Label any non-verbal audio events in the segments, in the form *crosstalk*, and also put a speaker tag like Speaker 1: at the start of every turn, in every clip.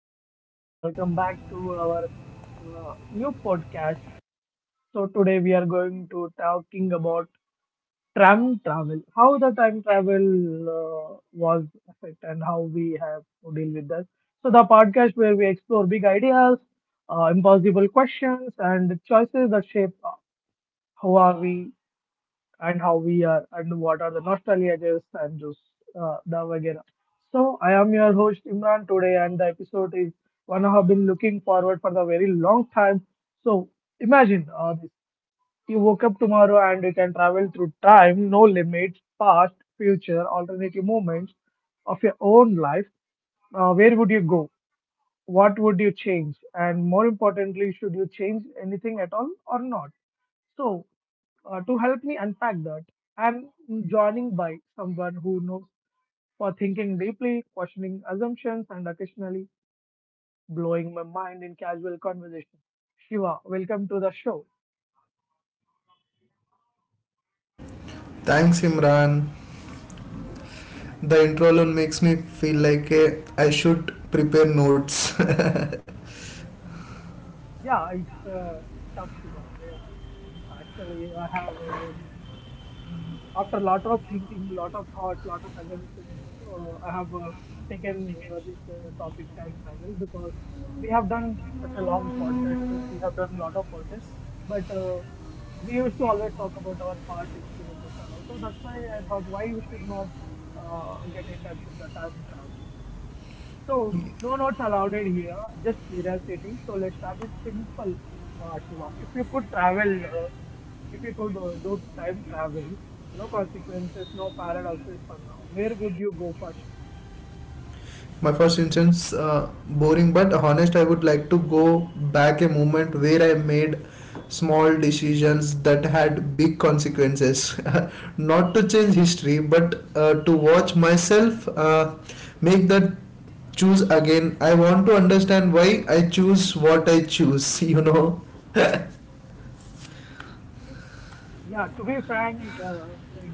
Speaker 1: welcome again. Welcome back to our new podcast. So today we are going to talking about time travel, how the time travel was affected and how we have to deal with that. So the podcast where we explore big ideas, impossible questions, and choices that shape how are we and how we are and what are the nostalgias and those the vagera. So I am your host Imran today, and the episode is one I have been looking forward for the very long time. So imagine you woke up tomorrow and you can travel through time, no limits, past, future, alternative moments of your own life. Where would you go? What would you change? And more importantly, should you change anything at all or not? So. To help me unpack that, I'm joining by someone who knows for thinking deeply, questioning assumptions, and occasionally blowing my mind in casual conversation. Shiva, welcome to the show.
Speaker 2: Thanks, Imran. The intro alone makes me feel like I should prepare notes.
Speaker 1: Yeah, it's tough, Shiva. Yeah, actually, I have. After a lot of thinking, lot of thoughts, lot of assumptions, I have taken this topic time travel because we have done such a long podcast. We have done a lot of podcasts, but we used to always talk about our past experiences, and also that's why I thought why we should not get in touch with the time travel. So no notes allowed here, just curiosity. So let's start with simple, Shiva. If you could travel uh, if you could do time travel, no consequences, no paradoxes for now, where would you go first?
Speaker 2: *laughs* My first instance, boring but honest, I would like to go back a moment where I made small decisions that had big consequences. *laughs* Not to change history, but to watch myself make that choose again. I want to understand why I choose what I choose, *laughs* you know.
Speaker 1: Yeah, to be frank, like,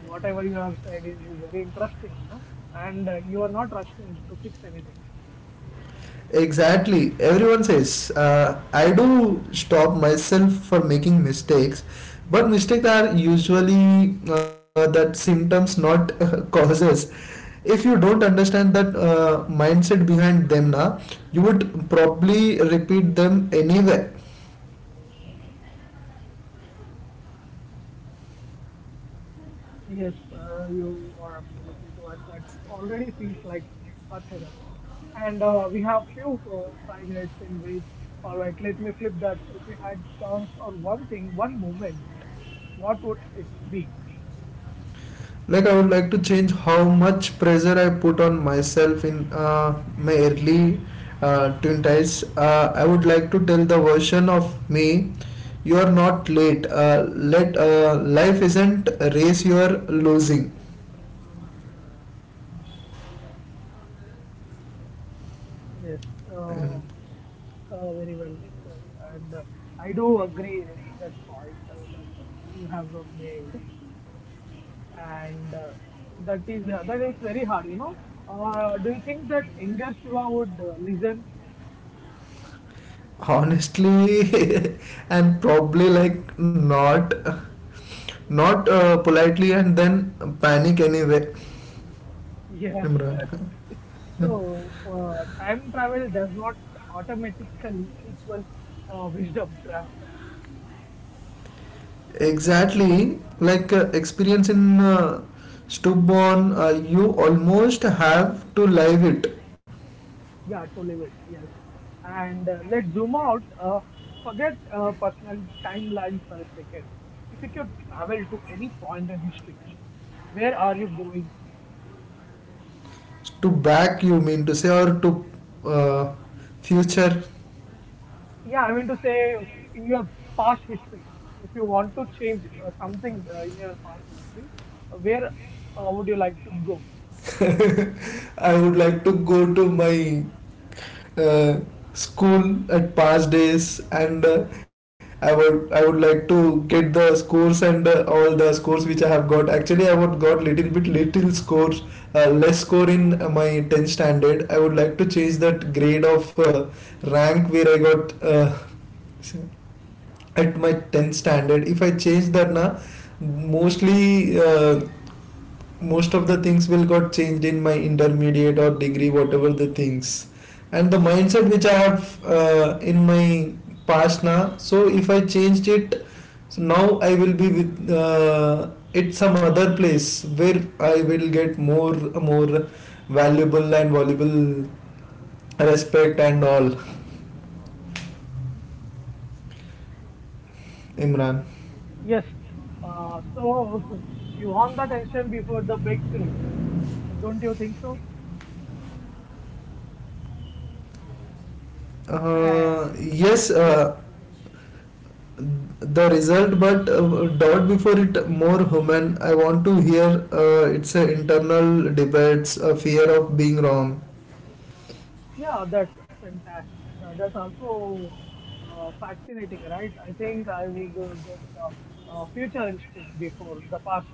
Speaker 1: whatever you have said is very interesting, you know, and you are not rushing to fix anything.
Speaker 2: Exactly, everyone says I do stop myself for making mistakes, but mistakes are usually that symptoms not *laughs* causes. If you don't understand that mindset behind them na, you would probably repeat them anyway.
Speaker 1: Yes, you are absolutely to and that already feels like a therapy. And we have few five minutes in which, all right, let me flip that. If we had chance on one thing, one moment, what would it be?
Speaker 2: Like, I would like to change how much pressure I put on myself in my early twenties. I would like to tell the version of me, you are not late. Let life isn't a race you are losing.
Speaker 1: Yes. Uh, very well said. And I do agree with that point that you have made. And that is very hard, you know. Do you think that younger Shiva would listen?
Speaker 2: Honestly, *laughs* and probably like not politely, and then panic anyway,
Speaker 1: Yes.
Speaker 2: Imran.
Speaker 1: *laughs* So time travel does not automatically equal wisdom transfer.
Speaker 2: Exactly, like experience in stubborn, you almost have to live it.
Speaker 1: Yeah, to live it. Yes. And let's zoom out. Forget personal timelines for a second. If you could travel to any point in history, where are you going?
Speaker 2: To back, you mean to say, or to uh, future?
Speaker 1: Yeah, I mean to say in your past history, if you want to change something in your past history, where would you like to go?
Speaker 2: *laughs* I would like to go to my uh, school at past days, and I would like to get the scores and all the scores which I have got. Actually, I would got little bit little scores, less score in my 10th standard. I would like to change that grade of rank where I got at my 10th standard. If I change that na, mostly most of the things will got changed in my intermediate or degree, whatever the things, and the mindset which I have in my past now. So if I changed it, so now I will be with at some other place where I will get more, more valuable and valuable respect and all, Imran.
Speaker 1: Yes. So *laughs* you want that attention before the breakthrough, don't you think so? And
Speaker 2: Yes,
Speaker 1: yes,
Speaker 2: the result, but dot before it, more human. I want to hear, it's a internal debates, a fear of being wrong.
Speaker 1: yeah, that's fantastic. That's also fascinating, right? I think I would go to the future instead before the past.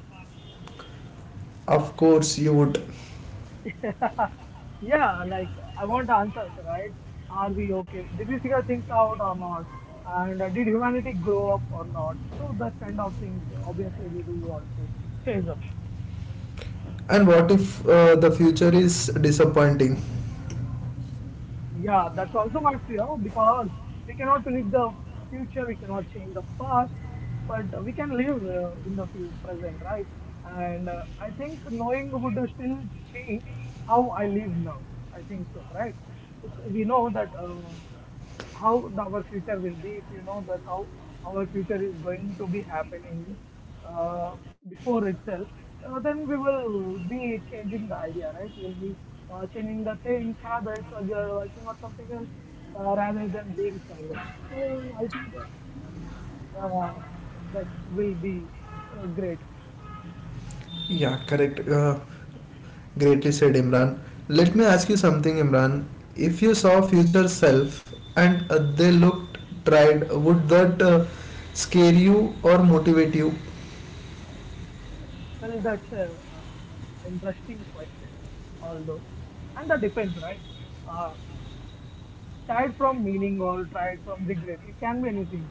Speaker 2: Of course you would.
Speaker 1: *laughs* Yeah, like I want answers, right? Are we okay? Did we figure things out or not? And did humanity grow up or not? So that kind of things, obviously, we do want to change. Up.
Speaker 2: And what if the future is disappointing?
Speaker 1: Yeah, that's also my fear because we cannot predict the future, we cannot change the past, but we can live in the present, right? And I think knowing would still change how I live now. I think so, right? It's, we know that. How our future will be if you know that how our future is going to be happening uh, before itself then we will be changing the idea, right? We'll be changing the things habits or we are working on something else rather than being silent. So I think uh, that will be great.
Speaker 2: Yeah, correct. Greatly said, Imran. Let me ask you something, Imran. If you saw future self and they looked tried, would that scare you or motivate you?
Speaker 1: Well, that's a uh, interesting question, although, and that depends, right? Uh, tired from meaning or tired from regret. It can be anything.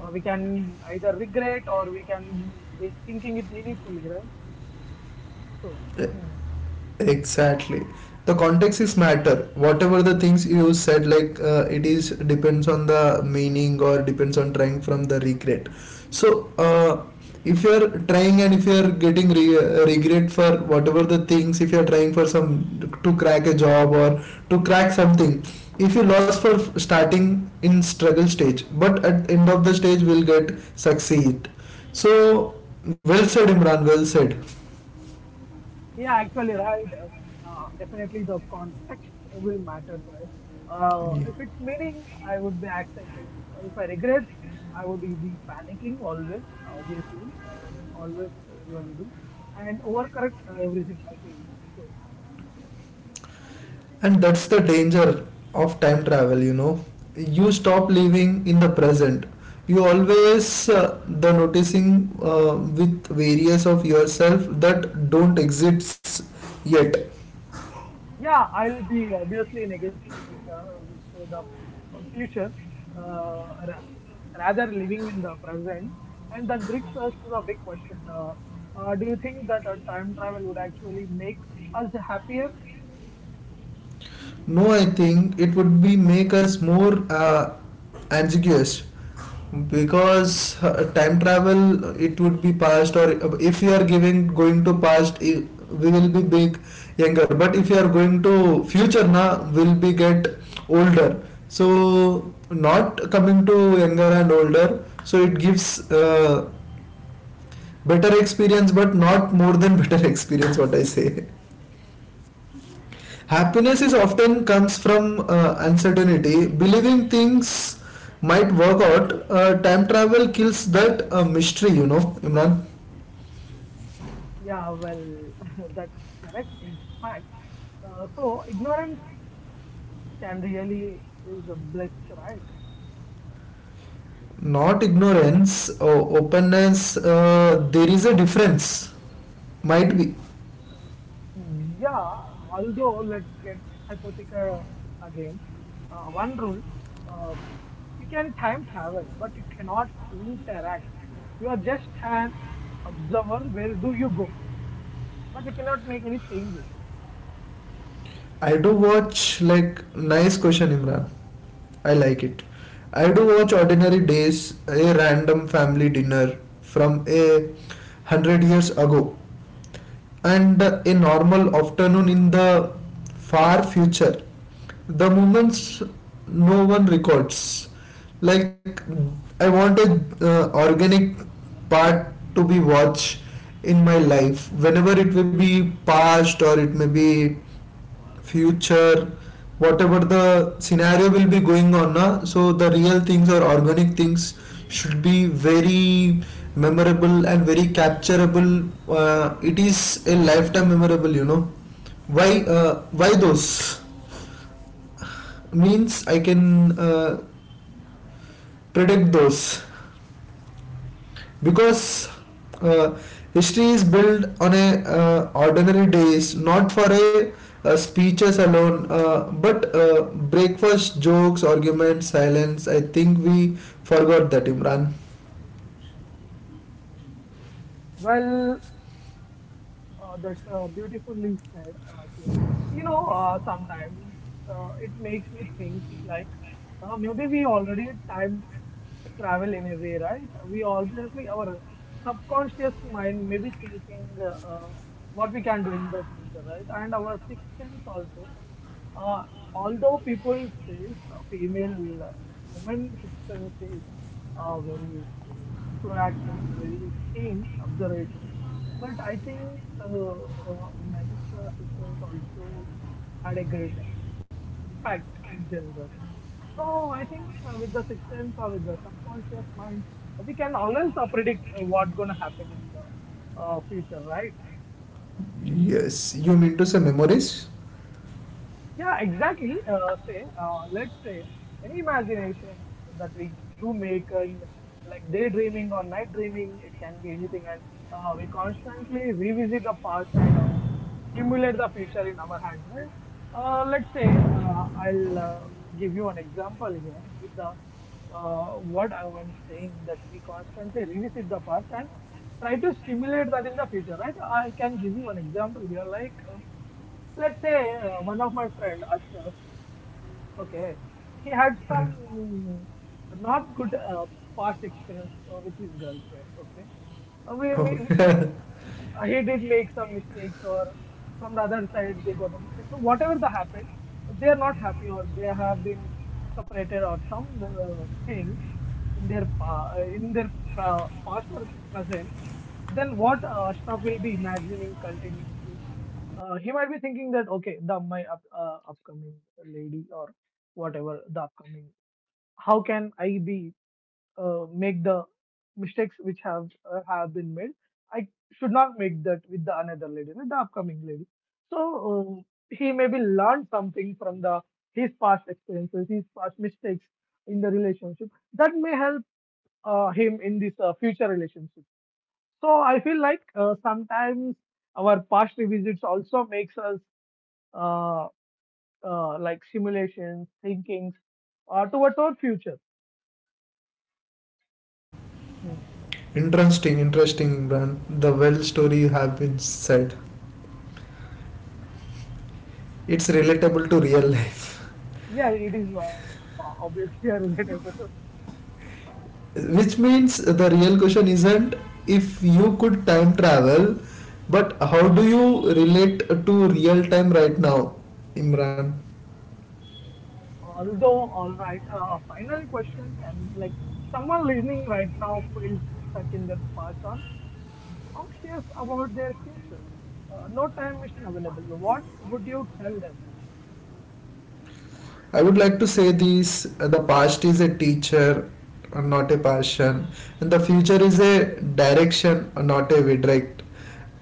Speaker 1: We can either regret or we can be thinking it meaningfully, right? So, hmm,
Speaker 2: Exactly. The context is matter. Whatever the things you said, like it is depends on the meaning or depends on trying from the regret. So, if you are trying and if you are getting regret for whatever the things, if you are trying for some to crack a job or to crack something, if you lost for starting in struggle stage, but at end of the stage will get succeed. So, well said, Imran. Well said.
Speaker 1: yeah, actually, right. Definitely, the context will matter, right? If it's meaning, I would be accepted. If I regret, I would be panicking always, obviously, always everybody do, and overcorrect everything. I feel so.
Speaker 2: And that's the danger of time travel, you know. You stop living in the present. You always the noticing with various of yourself that don't exists yet.
Speaker 1: Yeah, I'll be obviously negotiating with the future uh, rather living in the present. And that brings us to the big question. Do you think that time travel would actually make us happier?
Speaker 2: No, I think it would be make us more ambiguous, because time travel, it would be past, or if you are giving going to past, we will be big younger, but if you are going to future na, will be get older. So not coming to younger and older, so it gives better experience, but not more than better *laughs* experience, what I say. Happiness is often comes from uncertainty. Believing things might work out. Time travel kills that mystery, you know, Imran.
Speaker 1: Yeah, well, *laughs* that's correct. In fact, so ignorance can really is a bliss, right?
Speaker 2: Not ignorance or openness. There is a difference. Might be.
Speaker 1: Yeah, although let's get hypothetical again. One rule, uh, you can time travel, but you cannot interact. You are just an observer. Where do you go? But we cannot make any changes.
Speaker 2: I do watch, like, nice question, Imran. I like it. I do watch ordinary days, a random family dinner from 100 years ago, and a normal afternoon in the far future. The moments no one records. Like, I want a organic part to be watched in my life, whenever it will be past or it may be future, whatever the scenario will be going on na. So the real things or organic things should be very memorable and very capturable. It is a lifetime memorable, you know. Why, why those means, I can predict those, because uh, history is built on a ordinary days, not for a speeches alone. But breakfast, jokes, arguments, silence. I think we forgot that, Imran.
Speaker 1: Well, that's beautifully said, Shiva. You know, sometimes it makes me think like maybe we already time travel in a way, right? We obviously our subconscious mind may be thinking uh, what we can do in the future, right? And our sixth sense also. Uh, although people says uh, female women sixth sense is very proactive, very keen observations. But I think men's systems also had a great impact in general. So I think with the sixth sense or with the subconscious mind, we can always predict what's going to happen in the future, right?
Speaker 2: Yes, you mean to say memories.
Speaker 1: Yeah, exactly. Say, let's say any imaginations that we do make and like daydreaming or night dreaming, it can be anything. And we constantly revisit the past and simulate the future in our hands, right? Let's say I'll give you an example here with the what I am saying that we constantly revisit the past and try to simulate that in the future, right? I can give you an example here, like. Let's say one of my friend Ashraf, okay, he had some mm, not good past experience with his girlfriend, okay, which means
Speaker 2: Oh.
Speaker 1: he did make some mistakes or from the other side they got a mistake. So whatever that happened, they are not happy or they have been separated or some thing in their past or present, then what Ashraf will be imagining continuously. He might be thinking that okay, the my upcoming lady or whatever the upcoming, how can I be make the mistakes which have been made? I should not make that with the another lady, with the upcoming lady. So he maybe learned something from the his past experiences, his past mistakes in the relationship that may help him in this future relationship. So I feel like sometimes our past revisits also makes us uh, like simulations, thinkings towards our future. Hmm.
Speaker 2: *laughs* Interesting, interesting, Imran. The well story you have been said, it's relatable to real life.
Speaker 1: Yeah, it is obviously a relatable.
Speaker 2: Which means the real question isn't if you could time travel, but how do you relate to real time right now, Imran?
Speaker 1: *laughs* Although, all right, final question can be like someone listening right now feels stuck in their past or anxious about their future. No time machine available. What would you tell them?
Speaker 2: I would like to say this, the past is a teacher, not a passion, and the future is a direction, not a redirect.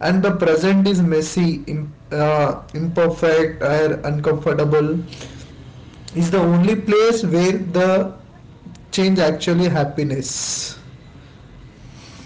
Speaker 2: And the present is messy, imperfect, or uncomfortable. Is the only place where the change actually happiness.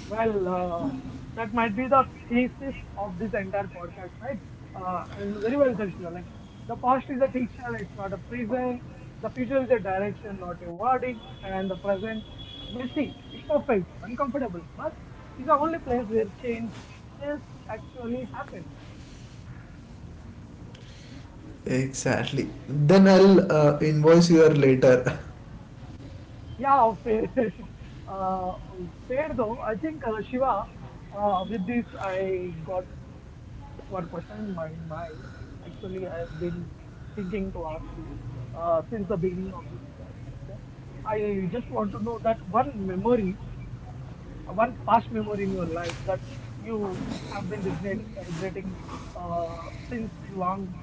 Speaker 1: Well, that might be the thesis of this entire podcast, right? And very well said, Shiva. Like, the past is a teacher, it's not a prison. The future is a direction, not a verdict. And the present, messy, imperfect, uncomfortable, but is the only place where change changes actually happens.
Speaker 2: Exactly. Then I'll invoice you later. *laughs*
Speaker 1: Yeah, fair. *laughs* uh, fair though. I think, Shiva, with this, I got one question in my mind. Actually, I've been thinking to ask you since the beginning of this podcast. I just want to know that one memory, one past memory in your life that you have been regret regretting since long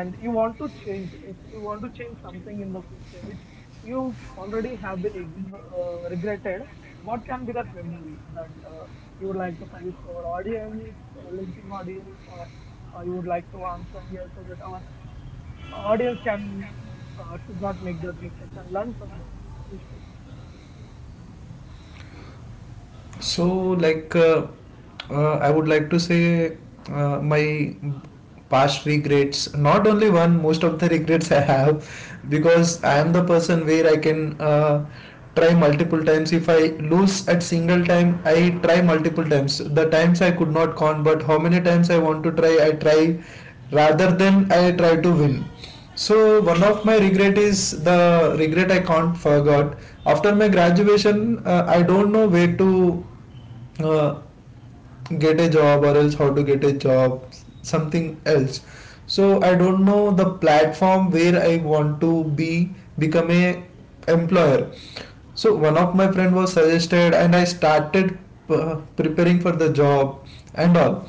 Speaker 1: and you want to change you want to change something in the future which you already have been regretted, what can be that memory that you would like to suggest to our audience listening audience or you would like to answer here so that our audience can should not make that mistake and learn from the mistake?
Speaker 2: So, like, I would like to say my past regrets, not only one, most of the *laughs* regrets I have, because I am the person where I can try multiple times. If I lose at single time, I try multiple times. The times I could not count, but how many times I want to try, I try rather than I try to win. So one of my regret is the regret I can't forget. After my graduation, I don't know where to uh, get a job or else how to get a job, something else. So I don't know the platform where I want to be become a employer. So one of my friend was suggested, and I started preparing for the job and all.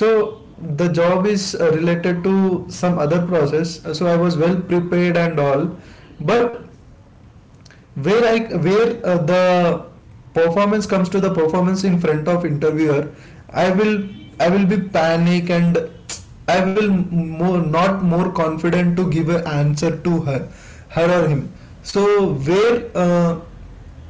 Speaker 2: So the job is related to some other process, so I was well prepared and all, but where the performance comes to the performance in front of interviewer, I will I will be panic, and I will more not more confident to give an answer to her, her or him. So where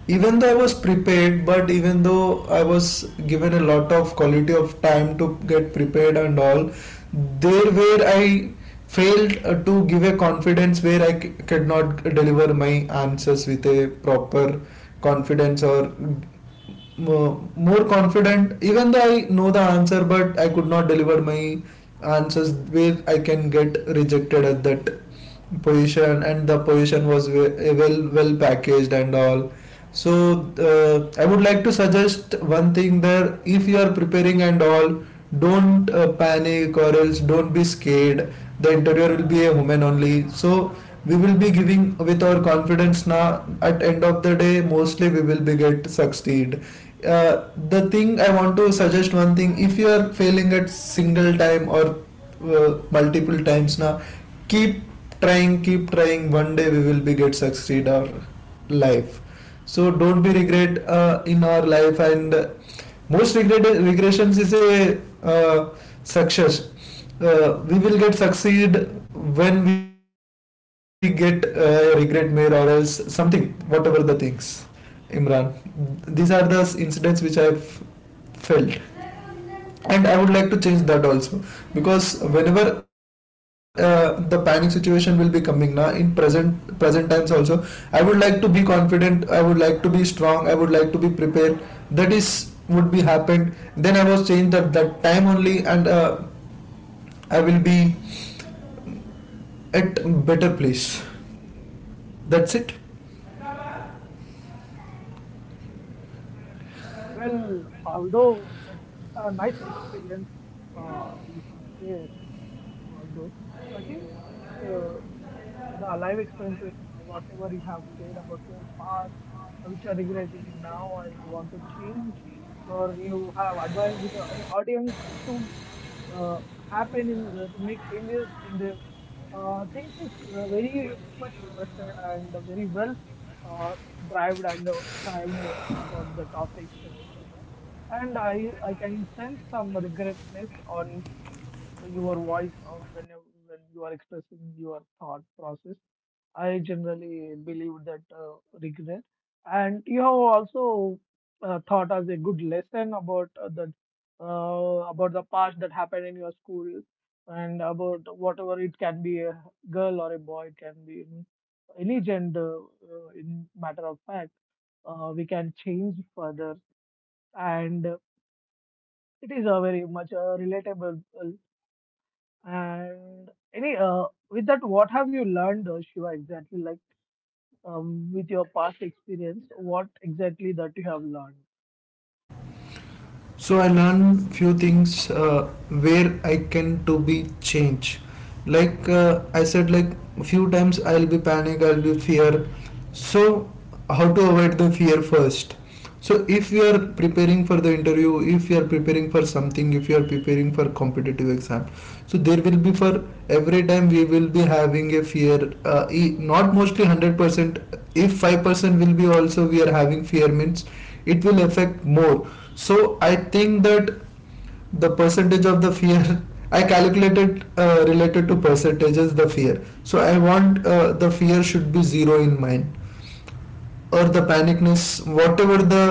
Speaker 2: even though I was prepared, but even though I was given a lot of quality of time to get prepared and all, there where I failed to give a confidence, where I could not deliver my answers with a proper confidence, or mo- more confident. Even though I know the answer, but I could not deliver my answers, where I can get rejected at that position, and the position was well, well packaged and all. So uh, I would like to suggest one thing there, if you are preparing and all, don't panic, or else don't be scared. The interior will be a woman only, so we will be giving with our confidence now. At end of the day, mostly we will be get succeed. uh, the thing I want to suggest one thing, if you are failing at single time or multiple times now, keep trying, keep trying. One day we will be get succeed our life. So don't be regret in our life, and most regret regressions is a success. We will get succeed when we get regret mail, or else something, whatever the things, Imran. These are the incidents which I have felt, and I would like to change that also, because whenever the panic situation will be coming now in present times also, I would like to be confident, I would like to be strong, I would like to be prepared. That is would be happened, then I was changed at that time only, and I will be at better place. That's it.
Speaker 1: Well, although that's a nice experience you have shared, although I think uh, so, the life experiences, whatever you have shared about your past, which are regulating now and you want to change, or you have advised the audience to happen in to make changes in their things is very much interested and very well uh, drived and thrived about the topics, Shiva. And I can sense some regretness on your voice on when you are expressing your thought process. I generally believe that regret, and you have also thought as a good lesson about that about the past that happened in your school, and about whatever it can be a girl or a boy, it can be any gender. In matter of fact, we can change further, and it is a very much relatable and any with that, what have you learned, Shiva, exactly? With your past experience, what exactly that you have learned?
Speaker 2: So I learn few things where I can to be change. Like, I said, like, few times I'll be panic, I'll be fear. So how to avoid the fear first? So if you are preparing for the interview, if you are preparing for something, if you are preparing for competitive exam, so there will be for every time we will be having a fear, not mostly 100%. If 5% will be also we are having fear means, it will affect more. So I think that the percentage of the fear *laughs* I calculated related to percentages the fear. So I want the fear should be zero in mine, or the panicness, whatever the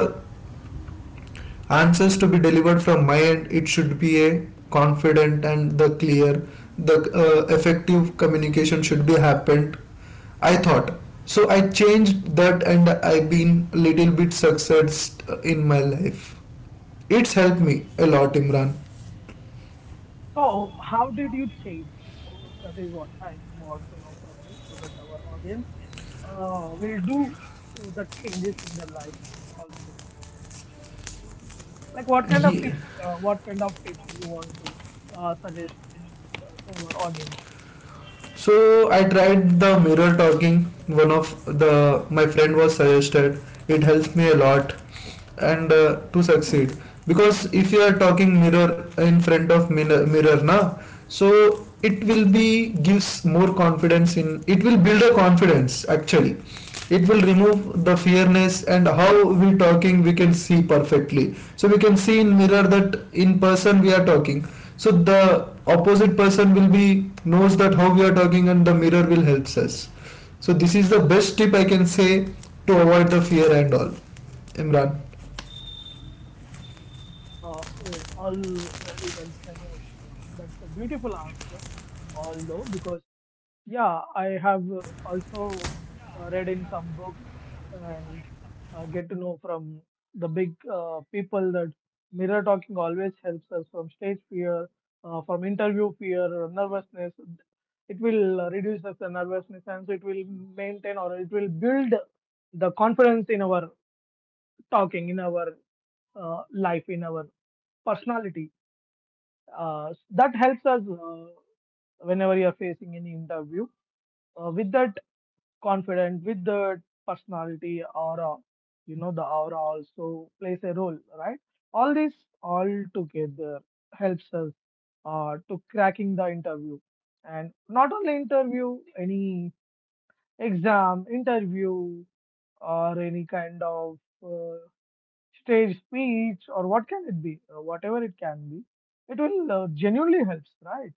Speaker 2: answers to be delivered from my end, it should be a confident and the clear. The effective communication should be happened, I thought. So I changed that, and I've been little bit success in my life. It's helped me a lot, Imran.
Speaker 1: So, how did you change? So that is what I want to know from you, so that our audience will do the changes in their life also. Like, what kind of
Speaker 2: Ye-
Speaker 1: tips? What kind of tips you want to suggest to our audience?
Speaker 2: so I tried the mirror talking. One of the my friend was suggested, it helps me a lot, and to succeed. Because if you are talking mirror in front of mirror, mirror na, so it will be gives more confidence in, it will build a confidence actually. It will remove the fearness, and how we talking we can see perfectly, so we can see in mirror that in person we are talking. So the opposite person will be knows that how we are talking, and the mirror will helps us. So this is the best tip I can say to avoid the fear and all, Imran.
Speaker 1: Well, all very well said, Shiva. That's a beautiful answer. Although, because yeah, I have also read in some books and get to know from the big people that mirror talking always helps us from stage fear, from interview fear, nervousness. It will reduce us the nervousness and it will maintain or it will build the confidence in our talking, in our life, in our personality that helps us whenever you are facing any interview with that confidence with the personality aura, you know, the aura also plays a role, right? All this, all together, helps us to cracking the interview, and not only interview, any exam interview or any kind of uh, stage speech or what can it be, whatever it can be, it will genuinely helps, right?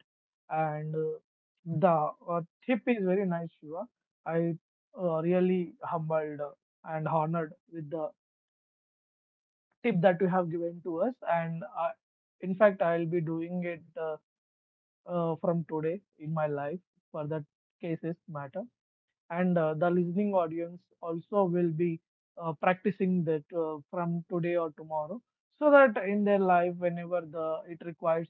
Speaker 1: And the tip is very nice, Shiva. I really humbled and honored with the tip that you have given to us. And I, in fact, I'll be doing it from today in my life for that cases matter, and the listening audience also will be practicing that from today or tomorrow, so that in their life whenever the it requires,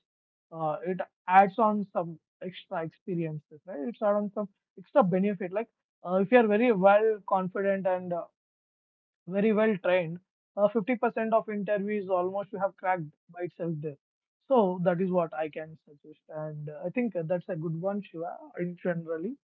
Speaker 1: it adds on some extra experiences, right? It's adds on some extra benefit, like if you are very well confident and very well trained. 50% of interviews almost have cracked by itself there. So that is what I can suggest. And I think that's a good one, Shiva, in generally.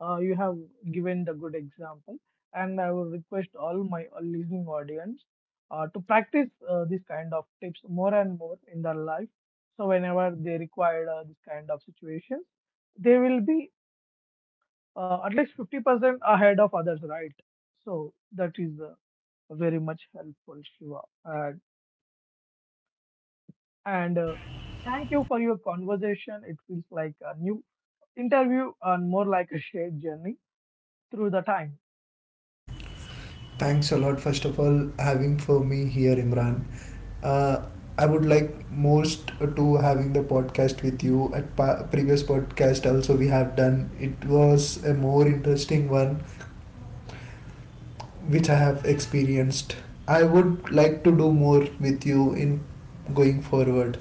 Speaker 1: You have given the good example. And I will request all my all listening audience to practice this kind of tips more and more in their life. So whenever they require this kind of situations, they will be at least 50% ahead of others, right? So that is very much helpful, Shiva. And, and thank you for your conversation. It feels like a new interview and more like a shared journey through the time.
Speaker 2: Thanks a lot, first of all, having for me here, Imran. Uh, I would like most to having the podcast with you. At previous podcast, also we have done. It was a more interesting one, which I have experienced. I would like to do more with you in going forward,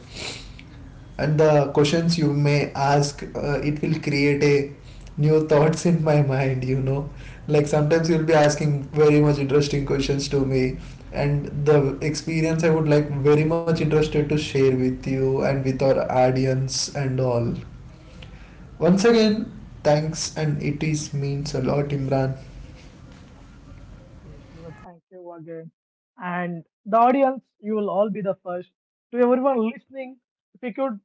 Speaker 2: and the questions you may ask, it will create a new thoughts in my mind, you know. Like, sometimes you'll be asking very much interesting questions to me, and the experience I would like very much interested to share with you and with our audience and all. Once again, thanks, and it is means a lot, Imran.
Speaker 1: Yes, Shiva, thank you again. And the audience, you will all be the first. To everyone listening, if you could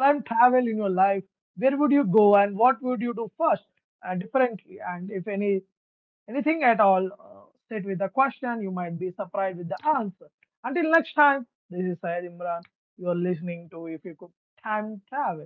Speaker 1: time travel in your life, where would you go and what would you do first and differently? And if anything at all, state with the question. You might be surprised with the answer. Until next time, this is Syed Imran. You are listening to If You Could Time Travel.